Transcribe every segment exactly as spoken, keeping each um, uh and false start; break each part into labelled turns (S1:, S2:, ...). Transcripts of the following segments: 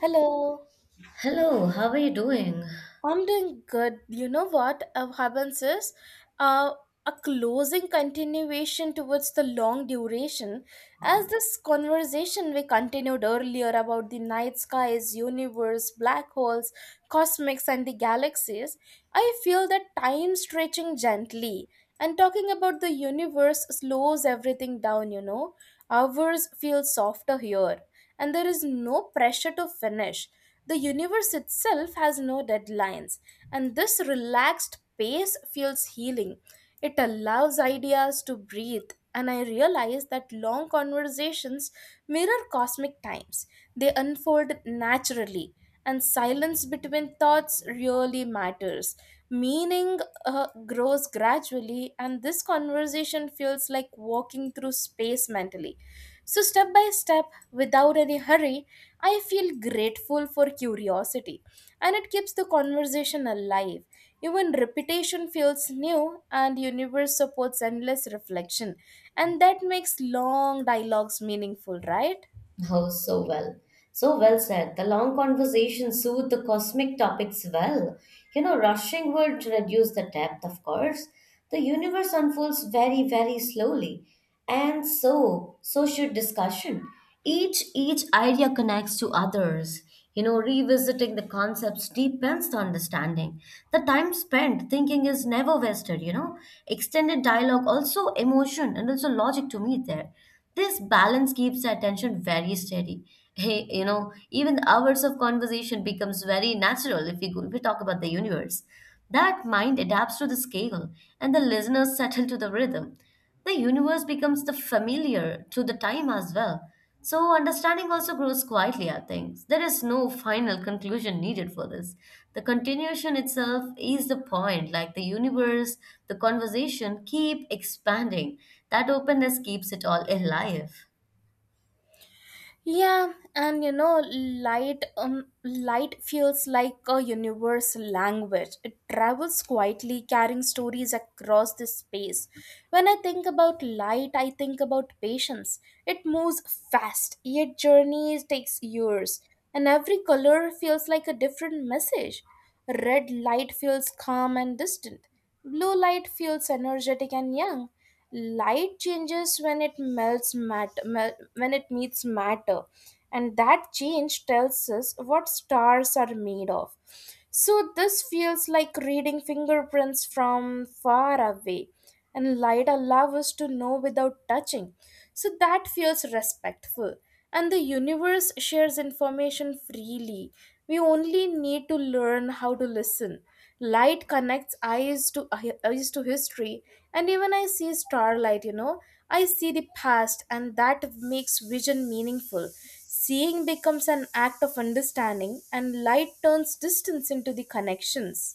S1: Hello,
S2: Hello, how are you doing?
S1: I'm doing good. You know what uh, happens is uh, a closing continuation towards the long duration. As this conversation we continued earlier about the night skies, universe, black holes, cosmics, and the galaxies, I feel that time stretching gently. And talking about the universe slows everything down, you know. Hours feel softer here, and there is no pressure to finish the universe itself has no deadlines, and this relaxed pace feels healing. It allows ideas to breathe, and I realize that long conversations mirror cosmic times. They unfold naturally, and silence between thoughts really matters. Meaning uh, grows gradually, and this conversation feels like walking through space mentally. So, step by step, without any hurry, I feel grateful for curiosity, and it keeps the conversation alive. Even repetition feels new, and universe supports endless reflection, and that makes long dialogues meaningful, right?
S2: Oh, so well. So well said. The long conversation soothed the cosmic topics well. You know, rushing would reduce the depth, of course. The universe unfolds very, very slowly. And so, so should discussion. Each each idea connects to others. You know, revisiting the concepts deepens the understanding. The time spent thinking is never wasted, you know. Extended dialogue, also emotion and also logic to meet there. This balance keeps the attention very steady. Hey, you know, even the hours of conversation becomes very natural if we, go, if we talk about the universe. That mind adapts to the scale, and the listeners settle to the rhythm. The universe becomes the familiar to the time as well. So, understanding also grows quietly, I think. There is no final conclusion needed for this. The continuation itself is the point, like the universe, the conversation keep expanding. That openness keeps it all alive.
S1: Yeah, and you know, light um, light feels like a universal language. It travels quietly, carrying stories across the space. When I think about light, I think about patience. It moves fast, yet journey takes years, and every color feels like a different message. Red light feels calm and distant. Blue light feels energetic and young, light changes when it melts matter mel- when it meets matter, and that change tells us what stars are made of. So this feels like reading fingerprints from far away, and light allows us to know without touching. So that feels respectful, and the universe shares information freely. We only need to learn how to listen. Light connects eyes to eyes to history, and even I see starlight. You know, I see the past, and that makes vision meaningful. Seeing becomes an act of understanding, and light turns distance into the connections.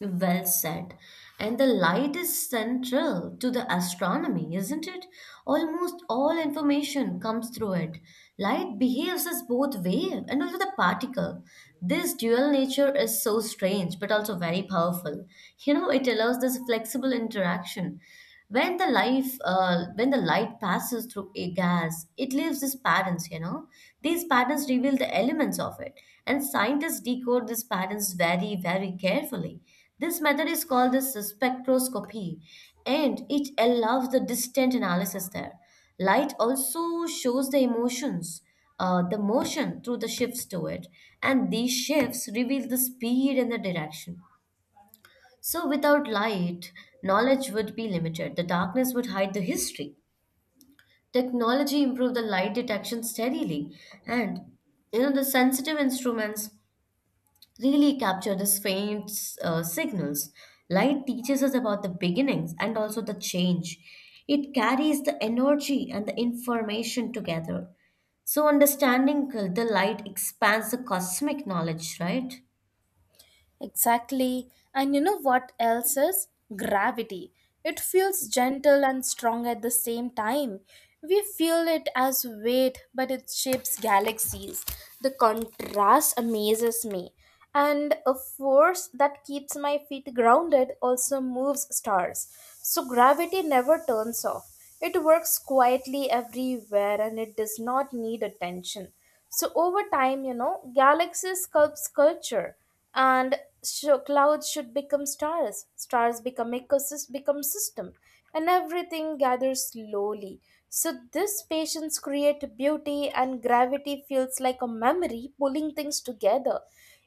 S2: Well said. And the light is central to the astronomy, isn't it? Almost all information comes through it. Light behaves as both wave and also the particle. This dual nature is so strange but also very powerful. You know, it allows this flexible interaction. When the life, uh, when the light passes through a gas, it leaves these patterns. You know, these patterns reveal the elements of it, and scientists decode these patterns very, very carefully. This method is called the spectroscopy, and it allows the distant analysis there. Light also shows the emotions, uh, the motion through the shifts to it, and these shifts reveal the speed and the direction. So, without light, knowledge would be limited. The darkness would hide the history. Technology improved the light detection steadily, and you know the sensitive instruments really capture these faint uh, signals. Light teaches us about the beginnings and also the change. It carries the energy and the information together. So, understanding the light expands the cosmic knowledge, right?
S1: Exactly. And you know what else is? Gravity. It feels gentle and strong at the same time. We feel it as weight, but it shapes galaxies. The contrast amazes me. And a force that keeps my feet grounded also moves stars. So gravity never turns off. It works quietly everywhere and it does not need attention. So over time, you know, galaxies sculpt sculpture, and so clouds should become stars, stars become ecosystem become system, and everything gathers slowly. So this patience create beauty, and gravity feels like a memory pulling things together.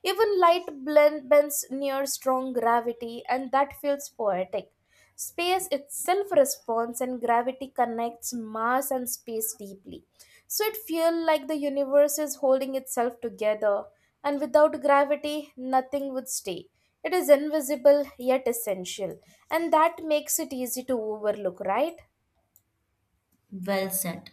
S1: Even light blend, bends near strong gravity, and that feels poetic. Space itself responds, and gravity connects mass and space deeply. So it feels like the universe is holding itself together, and without gravity, nothing would stay. It is invisible yet essential, and that makes it easy to overlook, right?
S2: Well said.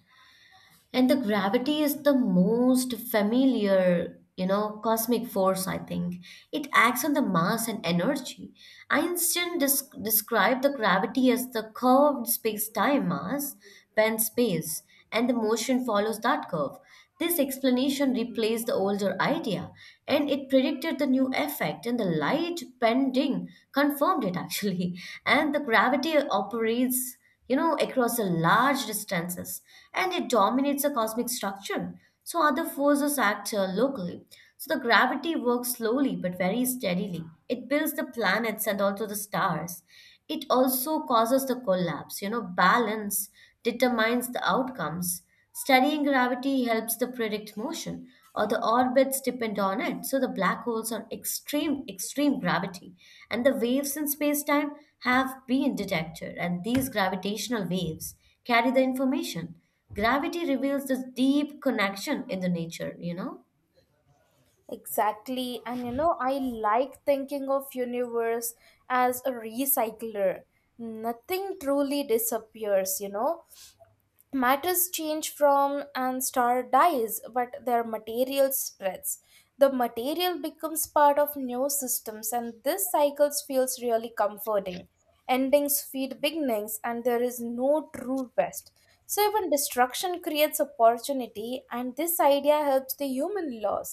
S2: And the gravity is the most familiar, you know, cosmic force, I think. It acts on the mass and energy. Einstein des- described the gravity as the curved space-time mass, bent space, and the motion follows that curve. This explanation replaced the older idea, and it predicted the new effect, and the light bending confirmed it actually. And the gravity operates, you know, across a large distances, and it dominates the cosmic structure. So other forces act uh, locally. So the gravity works slowly but very steadily. It builds the planets and also the stars. It also causes the collapse. You know, balance determines the outcomes. Studying gravity helps to predict motion, or the orbits depend on it. So the black holes are extreme, extreme gravity, and the waves in space-time have been detected, and these gravitational waves carry the information. Gravity reveals this deep connection in the nature, you know?
S1: Exactly, and you know, I like thinking of universe as a recycler. Nothing truly disappears, you know. Matters change from an star dies but their material spreads. The material becomes part of new systems, and this cycle feels really comforting. Endings feed beginnings and there is no true best. So even destruction creates opportunity, and this idea helps the human loss.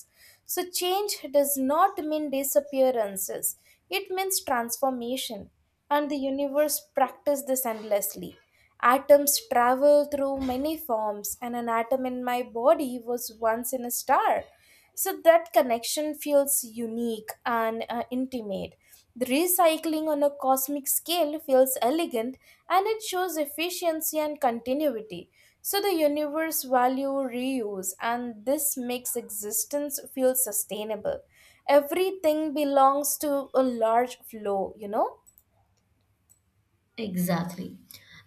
S1: So change does not mean disappearances, it means transformation, and the universe practices this endlessly. Atoms travel through many forms, and an atom in my body was once in a star. So that connection feels unique and uh, intimate. The recycling on a cosmic scale feels elegant, and it shows efficiency and continuity. So the universe value reuse, and this makes existence feel sustainable. Everything belongs to a large flow, you know?
S2: Exactly.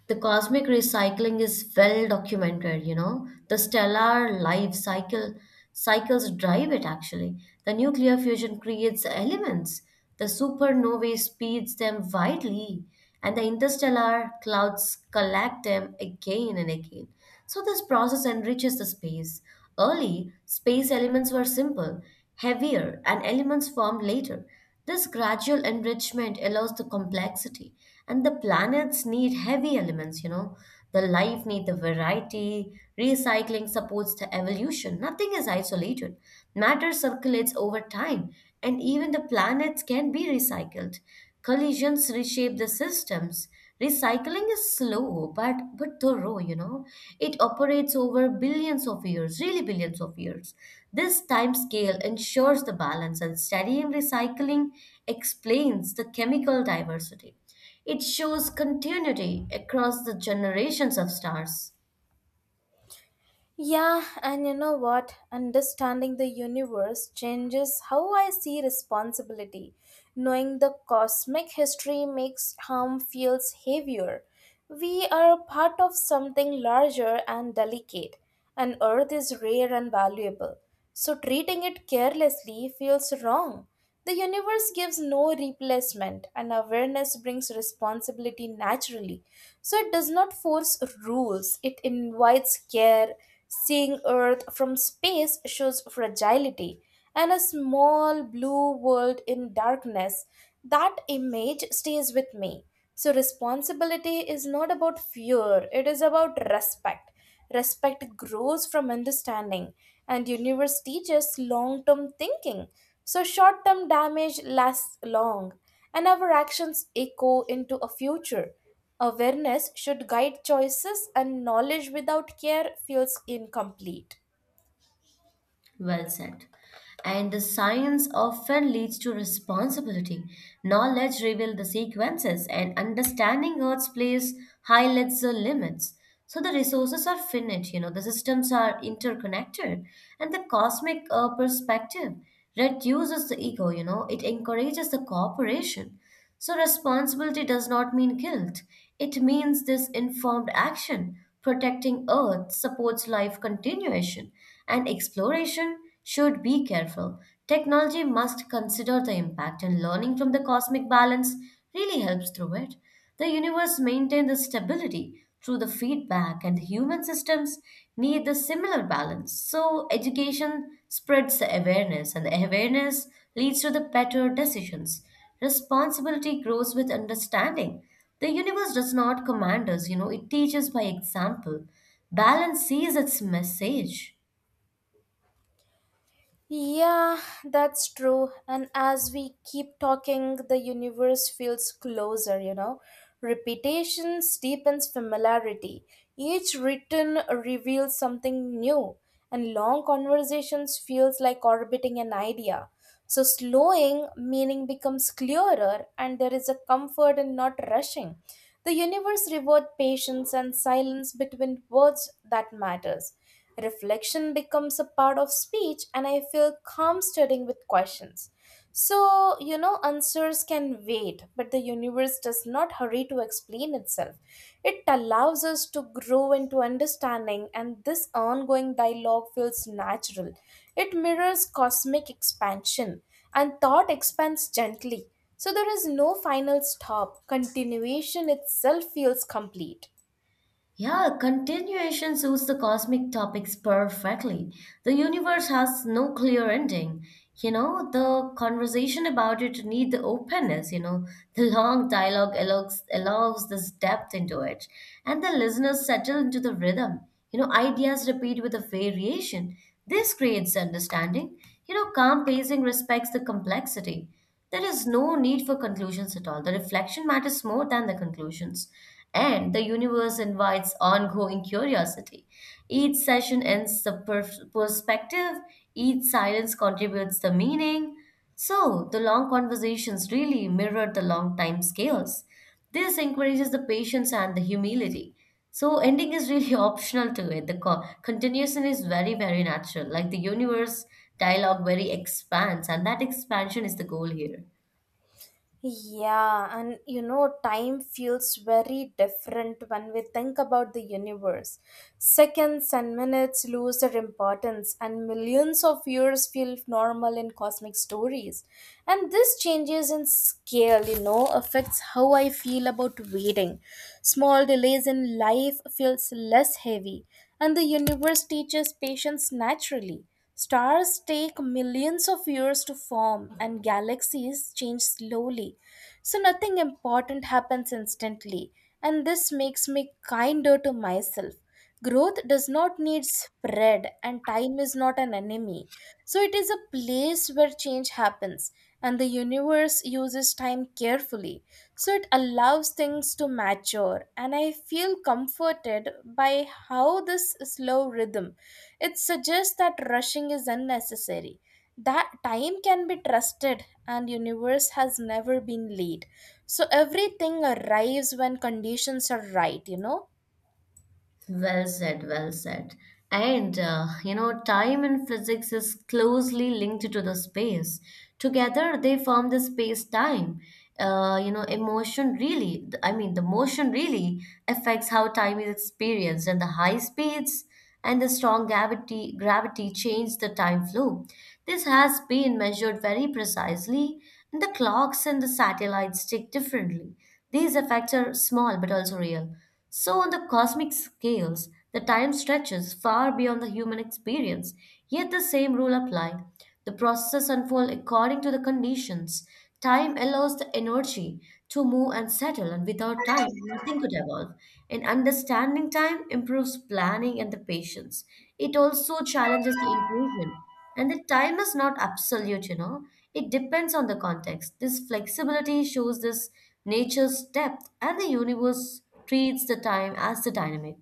S2: The cosmic recycling is well documented, you know. The stellar life cycle cycles drive it actually. The nuclear fusion creates elements. The supernovae speeds them widely, and the interstellar clouds collect them again and again. So this process enriches the space. Early, space elements were simple, heavier, and elements formed later. This gradual enrichment allows the complexity, and the planets need heavy elements, you know. The life need the variety. Recycling supports the evolution. Nothing is isolated. Matter circulates over time, and even the planets can be recycled. Collisions reshape the systems. Recycling is slow but but thorough, you know. It operates over billions of years, really billions of years. This time scale ensures the balance, and studying recycling explains the chemical diversity. It shows continuity across the generations of stars.
S1: Yeah, and you know what? Understanding the universe changes how I see responsibility. Knowing the cosmic history makes harm feels heavier. We are part of something larger and delicate, and Earth is rare and valuable. So treating it carelessly feels wrong. The universe gives no replacement, and awareness brings responsibility naturally. So it does not force rules, it invites care. Seeing Earth from space shows fragility, and a small blue world in darkness. That image stays with me. So responsibility is not about fear, it is about respect. Respect grows from understanding, and universe teaches long term thinking. So short term damage lasts long, and our actions echo into a future. Awareness should guide choices, and knowledge without care feels incomplete.
S2: Well said. And the science often leads to responsibility. Knowledge reveals the sequences, and understanding Earth's place highlights the limits. So the resources are finite, you know, the systems are interconnected, and the cosmic uh, perspective reduces the ego, you know, it encourages the cooperation. So, responsibility does not mean guilt. It means this informed action. Protecting Earth supports life continuation, and exploration should be careful. Technology must consider the impact, and learning from the cosmic balance really helps through it. The universe maintains the stability through the feedback, and human systems need the similar balance. So, education spreads the awareness, and the awareness leads to the better decisions. Responsibility grows with understanding. The universe does not command us, you know, it teaches by example. Balance sees its message.
S1: Yeah, that's true. And as we keep talking, the universe feels closer, you know. Repetition steepens familiarity. Each written reveals something new, and long conversations feels like orbiting an idea. So slowing meaning becomes clearer, and there is a comfort in not rushing. The universe rewards patience, and silence between words that matters. Reflection becomes a part of speech, and I feel calm studying with questions. So, you know, answers can wait, but the universe does not hurry to explain itself. It allows us to grow into understanding, and this ongoing dialogue feels natural. It mirrors cosmic expansion, and thought expands gently. So, there is no final stop, continuation itself feels complete.
S2: Yeah, continuation suits the cosmic topics perfectly. The universe has no clear ending. You know, the conversation about it need the openness, you know. The long dialogue allows, allows this depth into it. And the listeners settle into the rhythm. You know, ideas repeat with a variation. This creates understanding. You know, calm pacing respects the complexity. There is no need for conclusions at all. The reflection matters more than the conclusions. And the universe invites ongoing curiosity. Each session ends the per- perspective, each silence contributes the meaning. So, the long conversations really mirror the long time scales. This encourages the patience and the humility. So ending is really optional to it. The co- continuation is very, very natural. Like the universe dialogue very expands, and that expansion is the goal here.
S1: Yeah, and you know, time feels very different when we think about the universe. Seconds and minutes lose their importance, and millions of years feel normal in cosmic stories. And this changes in scale, you know, affects how I feel about waiting. Small delays in life feels less heavy, and the universe teaches patience naturally. Stars take millions of years to form, and galaxies change slowly. So, nothing important happens instantly, and this makes me kinder to myself. Growth does not need spread, and time is not an enemy. So, it is a place where change happens, and the universe uses time carefully, so it allows things to mature. And I feel comforted by how this slow rhythm, it suggests that rushing is unnecessary, that time can be trusted, and universe has never been late. So everything arrives when conditions are right, you know.
S2: Well said, well said. And uh, you know, time in physics is closely linked to the space. Together, they form the space-time. Uh, you know, emotion really, I mean, the motion really affects how time is experienced, and the high speeds and the strong gravity, gravity changed the time flow. This has been measured very precisely, and the clocks and the satellites tick differently. These effects are small but also real. So, on the cosmic scales, the time stretches far beyond the human experience, yet the same rule applies. The processes unfold according to the conditions. Time allows the energy to move and settle, and without time, nothing could evolve. And understanding time improves planning and the patience. It also challenges the illusion. And the time is not absolute, you know, it depends on the context. This flexibility shows this nature's depth, and the universe treats the time as the dynamic.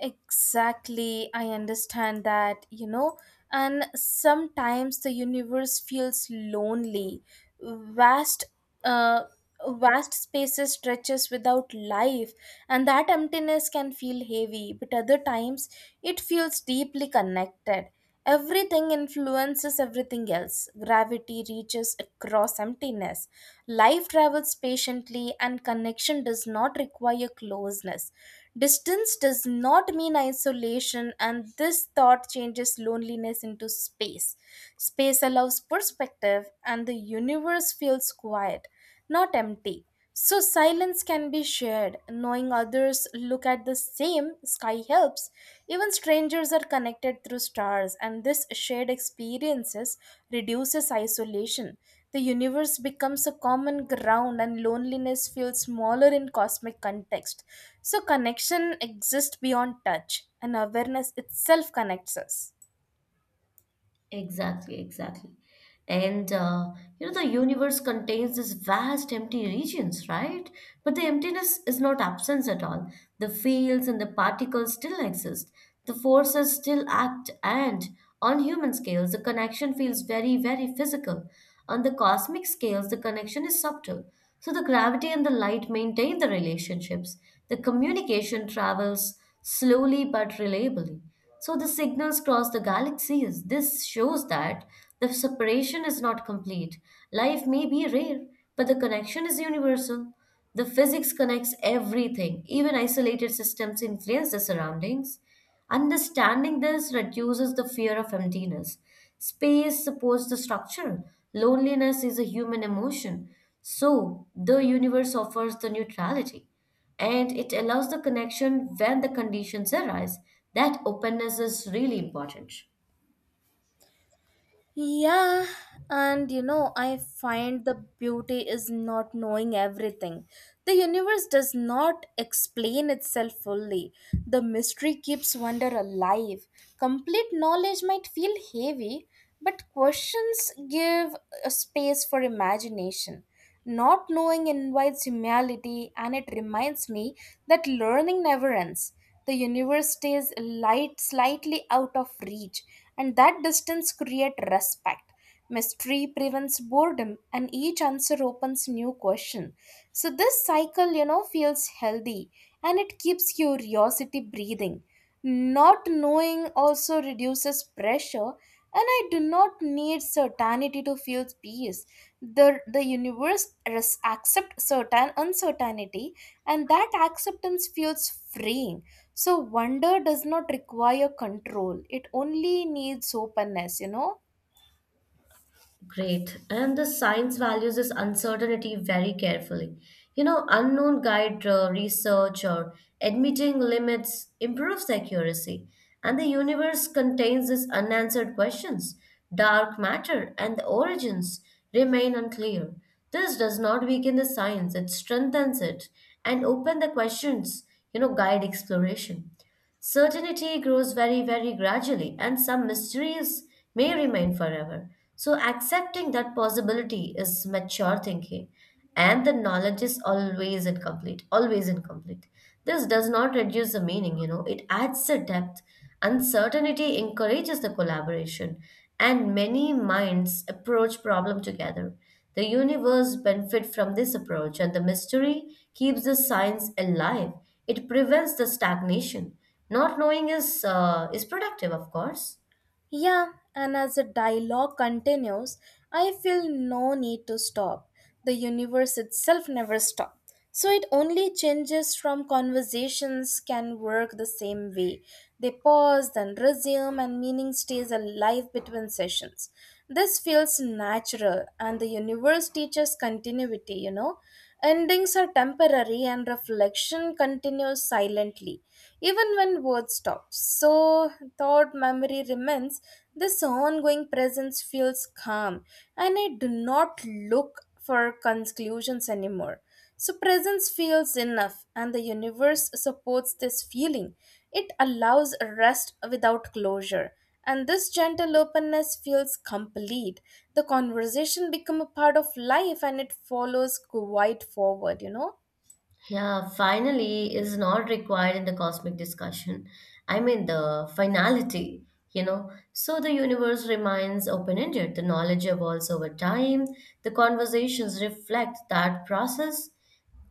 S1: Exactly, I understand that, you know, and sometimes the universe feels lonely. Vast, uh, vast spaces stretches without life, and that emptiness can feel heavy, but other times it feels deeply connected. Everything influences everything else. Gravity reaches across emptiness. Life travels patiently, and connection does not require closeness. Distance does not mean isolation, and this thought changes loneliness into space. Space allows perspective, and the universe feels quiet, not empty. So, silence can be shared. Knowing others look at the same sky helps. Even strangers are connected through stars, and this shared experiences reduces isolation. The universe becomes a common ground, and loneliness feels smaller in cosmic context. So, connection exists beyond touch, and awareness itself connects us.
S2: Exactly, exactly. And uh, you know, the universe contains these vast empty regions, right? But the emptiness is not absence at all. The fields and the particles still exist. The forces still act, and on human scales, the connection feels very, very physical. On the cosmic scales, the connection is subtle. So the gravity and the light maintain the relationships. The communication travels slowly but reliably. So the signals cross the galaxies. This shows that the separation is not complete. Life may be rare, but the connection is universal. The physics connects everything, even isolated systems influence the surroundings. Understanding this reduces the fear of emptiness. Space supports the structure. Loneliness is a human emotion. So, the universe offers the neutrality and it allows the connection when the conditions arise. That openness is really important.
S1: Yeah, and you know, I find the beauty is not knowing everything. The universe does not explain itself fully. The mystery keeps wonder alive. Complete knowledge might feel heavy, but questions give a space for imagination. Not knowing invites humility, and it reminds me that learning never ends. The universe stays light slightly out of reach, and that distance creates respect. Mystery prevents boredom, and each answer opens new question. So this cycle, you know, feels healthy, and it keeps curiosity breathing. Not knowing also reduces pressure, and I do not need certainty to feel peace. The, the universe res- accepts certain uncertainty, and that acceptance feels freeing. So, wonder does not require control, it only needs openness, you know.
S2: Great. And the science values this uncertainty very carefully. You know, unknown guide uh, research or admitting limits improves accuracy. And the universe contains these unanswered questions. Dark matter and the origins remain unclear. This does not weaken the science, it strengthens it and open the questions, you know, guide exploration. Certainty grows very, very gradually, and some mysteries may remain forever. So, accepting that possibility is mature thinking, and the knowledge is always incomplete, always incomplete. This does not reduce the meaning, you know, it adds the depth. Uncertainty encourages the collaboration, and many minds approach problem together. The universe benefits from this approach, and the mystery keeps the science alive. It prevents the stagnation. Not knowing is uh, is productive, of course.
S1: Yeah, and as the dialogue continues, I feel no need to stop. The universe itself never stops. So it only changes from conversations can work the same way. They pause, then resume, and meaning stays alive between sessions. This feels natural, and the universe teaches continuity, you know. Endings are temporary, and reflection continues silently, even when words stop. So, thought memory remains. This ongoing presence feels calm, and I do not look for conclusions anymore. So, presence feels enough, and the universe supports this feeling. It allows rest without closure, and this gentle openness feels complete. The conversation become a part of life, and it follows quite forward. You know.
S2: Yeah, finally is not required in the cosmic discussion. I mean, the finality, you know. So the universe remains open ended. The knowledge evolves over time. The conversations reflect that process.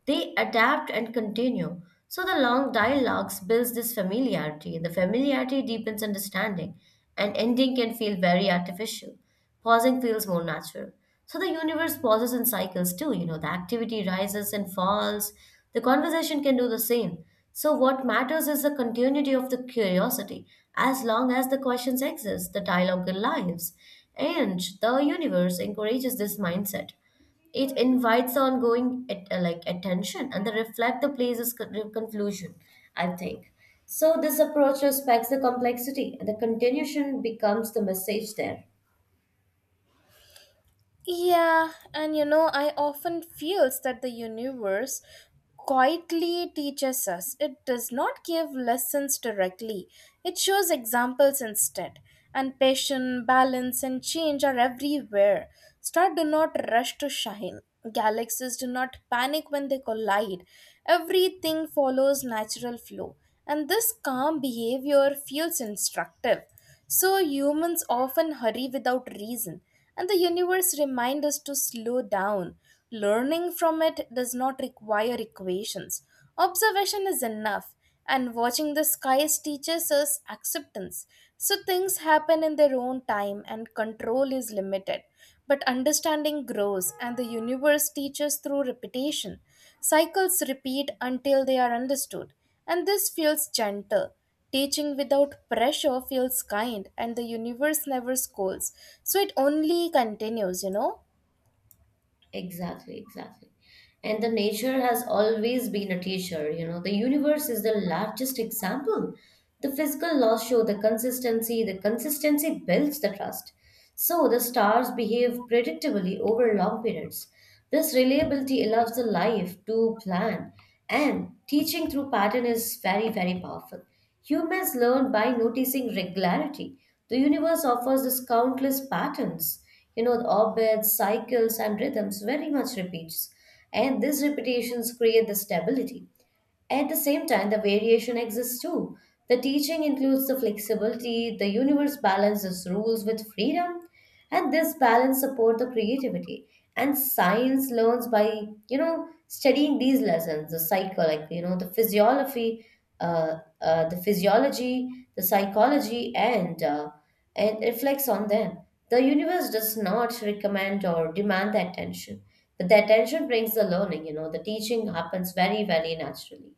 S2: They adapt and continue. So the long dialogues builds this familiarity, and the familiarity deepens understanding, and ending can feel very artificial. Pausing feels more natural. So the universe pauses in cycles too, you know, the activity rises and falls. The conversation can do the same. So what matters is the continuity of the curiosity. As long as the questions exist, the dialogue lives, and the universe encourages this mindset. It invites ongoing at, uh, like attention, and they reflect the place's con- conclusion, I think. So this approach respects the complexity, and the continuation becomes the message there.
S1: Yeah, and you know, I often feels that the universe quietly teaches us. It does not give lessons directly. It shows examples instead. And passion, balance, and change are everywhere. Stars do not rush to shine. Galaxies do not panic when they collide. Everything follows natural flow. And this calm behavior feels instructive. So humans often hurry without reason, and the universe reminds us to slow down. Learning from it does not require equations. Observation is enough, and watching the skies teaches us acceptance. So things happen in their own time, and control is limited. But understanding grows, and the universe teaches through repetition. Cycles repeat until they are understood, and this feels gentle. Teaching without pressure feels kind, and the universe never scolds. So it only continues, you know?
S2: Exactly, exactly. And the nature has always been a teacher, you know. The universe is the largest example. The physical laws show the consistency, the consistency builds the trust. So the stars behave predictably over long periods. This reliability allows the life to plan, and teaching through pattern is very, very powerful. Humans learn by noticing regularity. The universe offers us countless patterns, you know, the orbits cycles and rhythms very much repeats, and these repetitions create the stability. At the same time, the variation exists too. The teaching includes the flexibility, the universe balances rules with freedom, and this balance support the creativity. And science learns by, you know, studying these lessons, the cycle, like, you know, the physiology, uh, uh, the physiology, the psychology, and uh, and reflects on them. The universe does not recommend or demand the attention, but the attention brings the learning. You know, the teaching happens very, very naturally.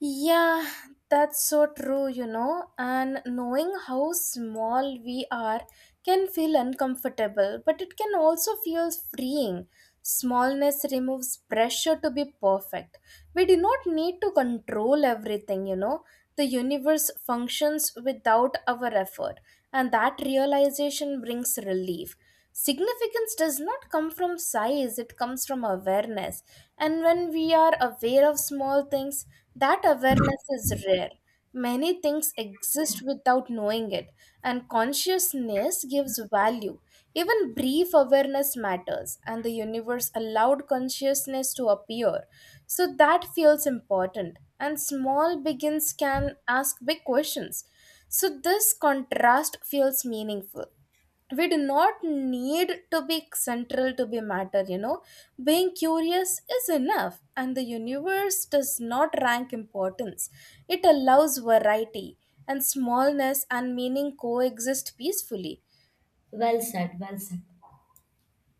S1: Yeah, that's so true, you know, and knowing how small we are can feel uncomfortable, but it can also feel freeing. Smallness removes pressure to be perfect. We do not need to control everything, you know. The universe functions without our effort, and that realization brings relief. Significance does not come from size, it comes from awareness. And when we are aware of small things, that awareness is rare. Many things exist without knowing it, and consciousness gives value. Even brief awareness matters, and the universe allowed consciousness to appear. So that feels important. And small begins can ask big questions. So this contrast feels meaningful, we do not need to be central to be matter, you know. Being curious is enough, and the universe does not rank importance. It allows variety, and smallness and meaning coexist peacefully.
S2: Well said, well said.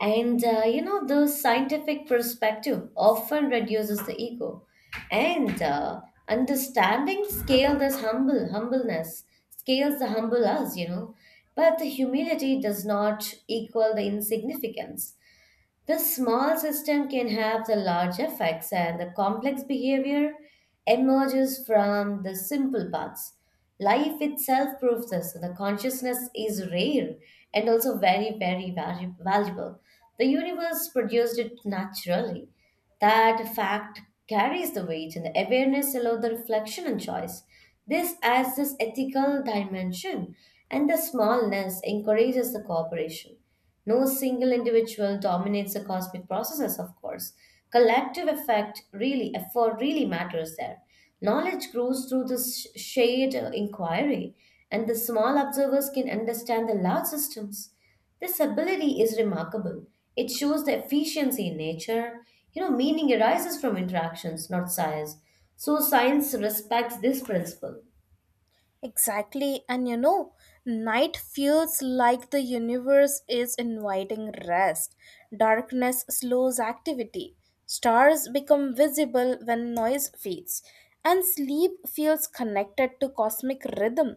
S2: And uh, You know, the scientific perspective often reduces the ego. And uh, Understanding scale this humble humbleness, scales the humble us, you know. But the humility does not equal the insignificance. The small system can have the large effects, and the complex behavior emerges from the simple parts. Life itself proves this. The consciousness is rare and also very, very valu- valuable. The universe produced it naturally. That fact carries the weight, and the awareness allows the reflection and choice. This adds this ethical dimension, and the smallness encourages the cooperation. No single individual dominates the cosmic processes, of course. Collective effect really, effort really matters there. Knowledge grows through this sh- shared uh, inquiry, and the small observers can understand the large systems. This ability is remarkable. It shows the efficiency in nature. You know, meaning arises from interactions, not size. So, science respects this principle.
S1: Exactly, and you know, night feels like the universe is inviting rest. Darkness slows activity. Stars become visible when noise fades, and sleep feels connected to cosmic rhythm.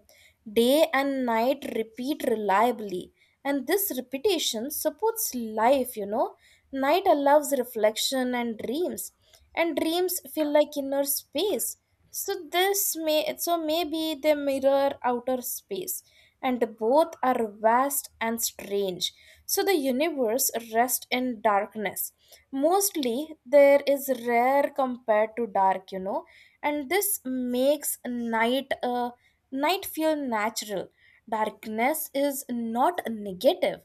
S1: Day and night repeat reliably, and this repetition supports life, you know. Night allows reflection and dreams, and dreams feel like inner space, so this may, so maybe they mirror outer space, and both are vast and strange. So the universe rests in darkness mostly. There is rare compared to dark, you know, and this makes night uh, night feel natural. Darkness is not negative.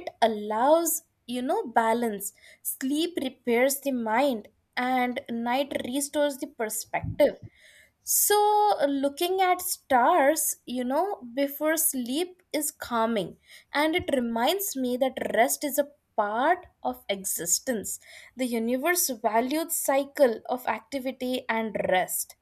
S1: It allows, you know, balance. Sleep repairs the mind, and night restores the perspective. So looking at stars, you know, before sleep is calming, and it reminds me that rest is a part of existence. The universe valued cycle of activity and rest.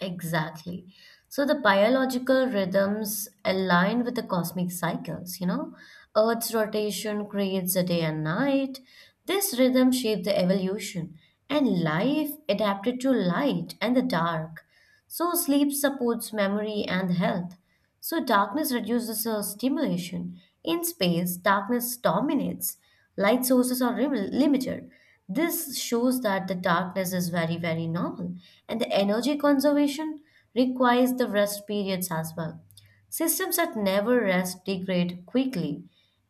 S2: Exactly. So the biological rhythms align with the cosmic cycles, you know. Earth's rotation creates a day and night. This rhythm shaped the evolution, and life adapted to light and the dark. So sleep supports memory and health. So darkness reduces uh, stimulation. In space, darkness dominates. Light sources are rim- limited. This shows that the darkness is very, very normal. And the energy conservation requires the rest periods as well. Systems that never rest degrade quickly,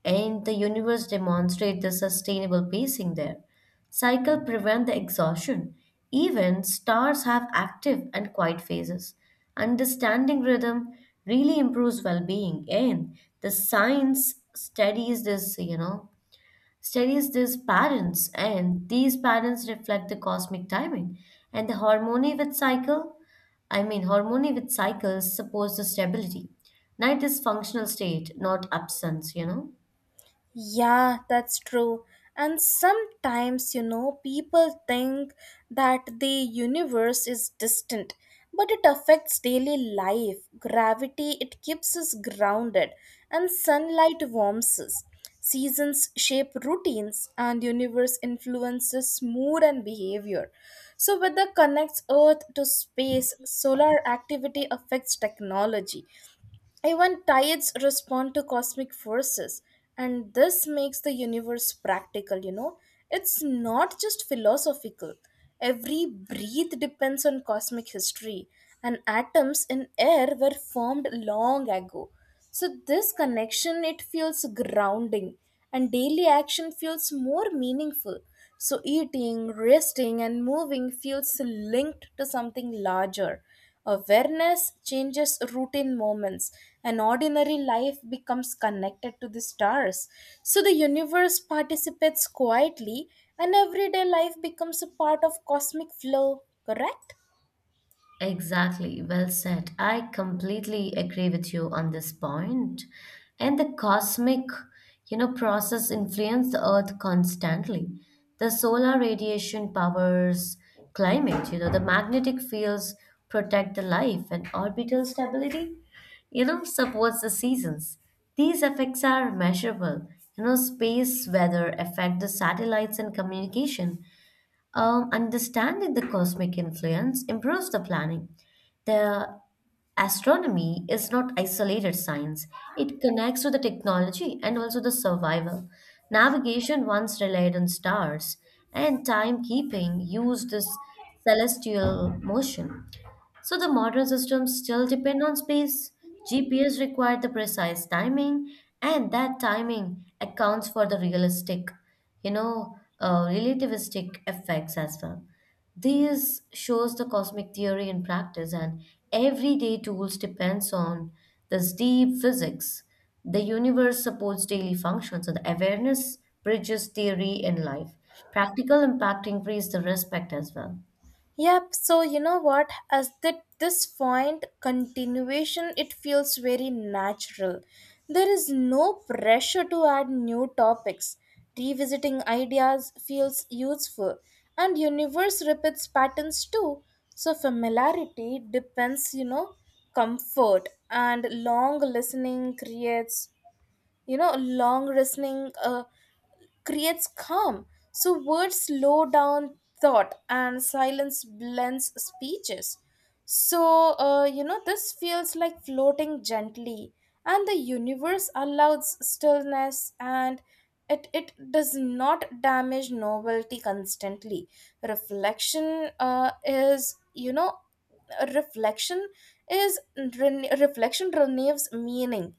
S2: and the universe demonstrates the sustainable pacing there. Cycle prevent the exhaustion. Even stars have active and quiet phases. Understanding rhythm really improves well-being, and the science studies this, you know, studies these patterns, and these patterns reflect the cosmic timing and the harmony with cycle. I mean, harmony with cycles supports the stability. Night is functional state, not absence, you know.
S1: Yeah, that's true. And sometimes, you know, people think that the universe is distant, but it affects daily life. Gravity, it keeps us grounded, and sunlight warms us. Seasons shape routines, and universe influences mood and behavior. So, weather connects Earth to space, solar activity affects technology, even tides respond to cosmic forces, and this makes the universe practical, you know. It's not just philosophical. Every breath depends on cosmic history, and atoms in air were formed long ago. So this connection, it feels grounding, and daily action feels more meaningful. So, eating, resting, and moving feels linked to something larger. Awareness changes routine moments, and ordinary life becomes connected to the stars. So, the universe participates quietly, and everyday life becomes a part of cosmic flow, correct?
S2: Exactly, well said. I completely agree with you on this point. And the cosmic, you know, process influence the earth constantly. The solar radiation powers climate, you know, the magnetic fields protect the life and orbital stability, you know, supports the seasons. These effects are measurable. You know, space weather affect the satellites and communication. Um, understanding the cosmic influence improves the planning. The astronomy is not isolated science, it connects to the technology and also the survival. Navigation once relied on stars, and timekeeping used this celestial motion. So the modern systems still depend on space. G P S required the precise timing, and that timing accounts for the realistic, you know, uh, relativistic effects as well. This shows the cosmic theory in practice, and everyday tools depends on this deep physics. The universe supports daily functions, so the awareness bridges theory in life. Practical impact increase the respect as well.
S1: Yep, so you know what? As that this point continuation, it feels very natural. There is no pressure to add new topics. Revisiting ideas feels useful, and universe repeats patterns too. So familiarity depends, you know, comfort, and long listening creates you know long listening uh, creates calm. So words slow down thought, and silence blends speeches. So, uh, you know, this feels like floating gently, and the universe allows stillness, and it, it does not damage novelty constantly. Reflection uh, is, you know, reflection is ren- reflection renews meaning,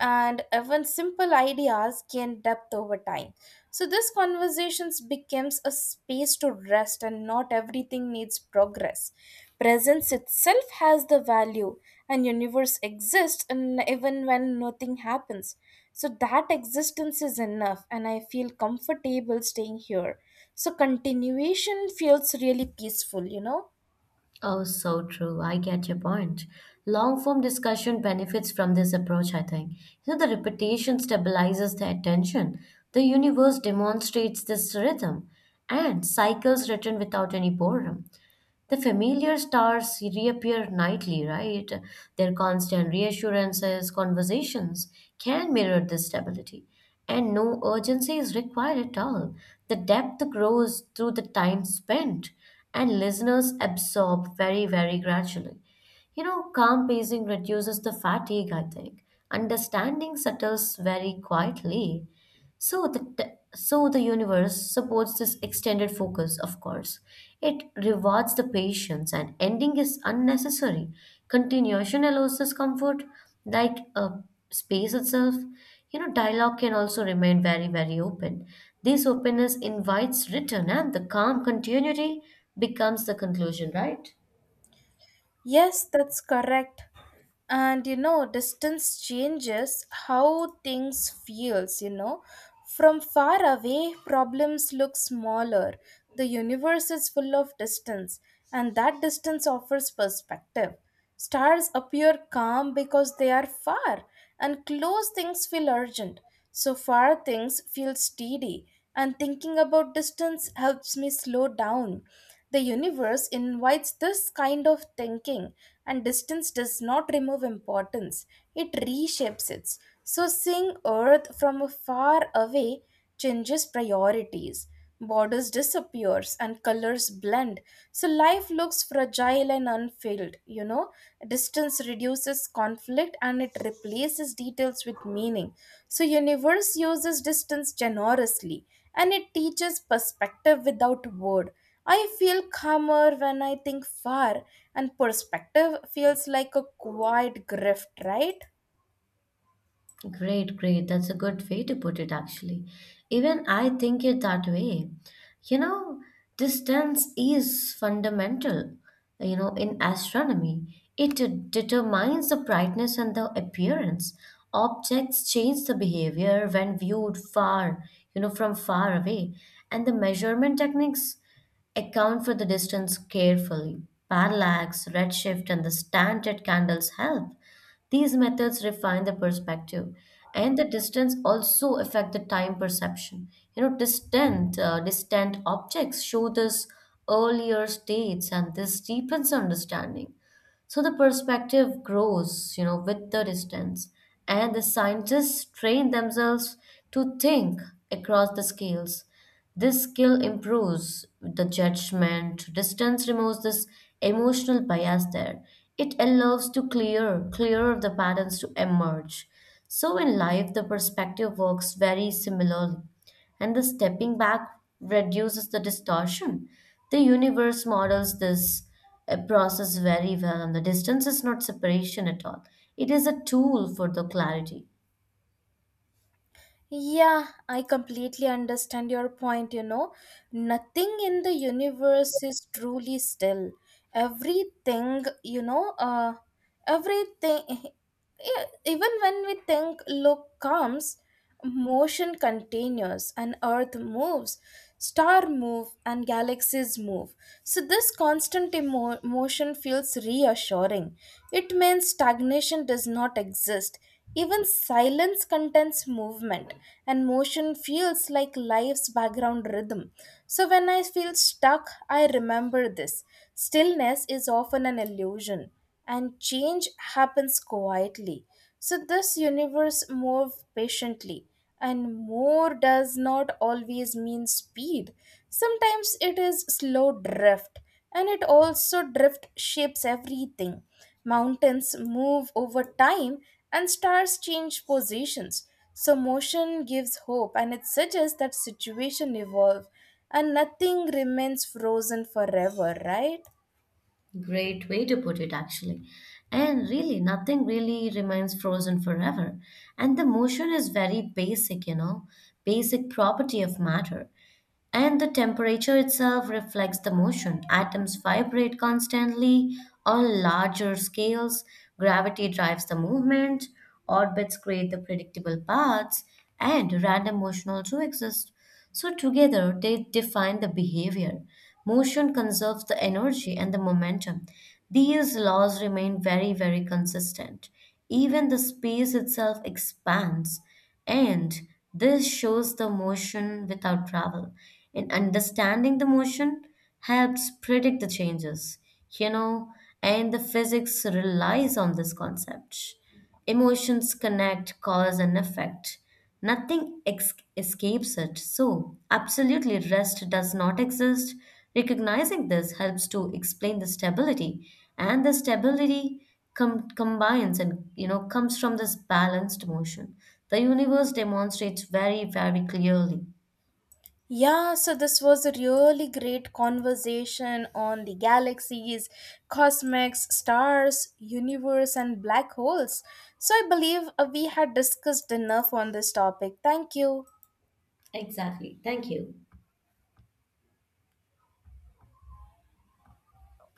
S1: and even simple ideas gain depth over time. So this conversations becomes a space to rest, and not everything needs progress. Presence itself has the value, and universe exists and even when nothing happens. So that existence is enough, and I feel comfortable staying here. So continuation feels really peaceful, you know.
S2: Oh, so true. I get your point. Long form discussion benefits from this approach, I think. You know, the repetition stabilizes the attention. The universe demonstrates this rhythm and cycles written without any boredom. The familiar stars reappear nightly, right? Their constant reassurances, conversations can mirror this stability. And no urgency is required at all. The depth grows through the time spent, and listeners absorb very, very gradually. You know, calm pacing reduces the fatigue, I think. Understanding settles very quietly. So the t- so the universe supports this extended focus, of course. It rewards the patience and ending is unnecessary. Continuation allows this comfort, like a space itself. You know, dialogue can also remain very, very open. This openness invites return and the calm continuity becomes the conclusion, right?
S1: Yes, that's correct. And you know, distance changes how things feels, you know. From far away, problems look smaller. The universe is full of distance, and that distance offers perspective. Stars appear calm because they are far, and close things feel urgent. So far things feel steady, and thinking about distance helps me slow down. The universe invites this kind of thinking, and distance does not remove importance, it reshapes it. So, seeing Earth from a far away changes priorities. Borders disappears and colors blend, so life looks fragile and unfilled. You know, distance reduces conflict, and it replaces details with meaning. So universe uses distance generously, and it teaches perspective without word. I feel calmer when I think far, and perspective feels like a quiet grift, right?
S2: Great, great. That's a good way to put it, actually. Even I think it that way. You know, distance is fundamental, you know, in astronomy. It de- determines the brightness and the appearance. Objects change the behavior when viewed far, you know, from far away. And the measurement techniques account for the distance carefully. Parallax, redshift, and the standard candles help. These methods refine the perspective, and the distance also affect the time perception. You know, distant uh, distant objects show this earlier states, and this deepens understanding. So the perspective grows, you know, with the distance, and the scientists train themselves to think across the scales. This skill improves the judgment. Distance removes this emotional bias there. It allows to clear clearer the patterns to emerge. So in life, the perspective works very similarly, and the stepping back reduces the distortion. The universe models this uh, process very well, and the distance is not separation at all. It is a tool for the clarity.
S1: Yeah, I completely understand your point. You know, nothing in the universe is truly still. Everything, you know, uh, everything, yeah, even when we think look comes, motion continues, and earth moves, star move and galaxies move. So this constant emo- motion feels reassuring. It means stagnation does not exist. Even silence contains movement, and motion feels like life's background rhythm. So, when I feel stuck, I remember this. Stillness is often an illusion, and change happens quietly. So, this universe moves patiently, and more does not always mean speed. Sometimes it is slow drift, and it also drift shapes everything. Mountains move over time, and stars change positions. So motion gives hope, and it suggests that situation evolve, and nothing remains frozen forever, right?
S2: Great way to put it, actually. And really, nothing really remains frozen forever. And the motion is very basic, you know, basic property of matter. And the temperature itself reflects the motion. Atoms vibrate constantly on larger scales. Gravity drives the movement. Orbits create the predictable paths. And random motion also exists. So, together, they define the behavior. Motion conserves the energy and the momentum. These laws remain very, very consistent. Even the space itself expands, and this shows the motion without travel. In understanding the motion, helps predict the changes, you know, and the physics relies on this concept. Emotions connect cause and effect. Nothing ex- escapes it. So, absolutely, rest does not exist. Recognizing this helps to explain the stability, and the stability com- combines and you know comes from this balanced motion. The universe demonstrates very, very clearly.
S1: Yeah, so this was a really great conversation on the galaxies, cosmics, stars, universe, and black holes. So I believe uh, we had discussed enough on this topic. Thank you.
S2: Exactly. Thank you.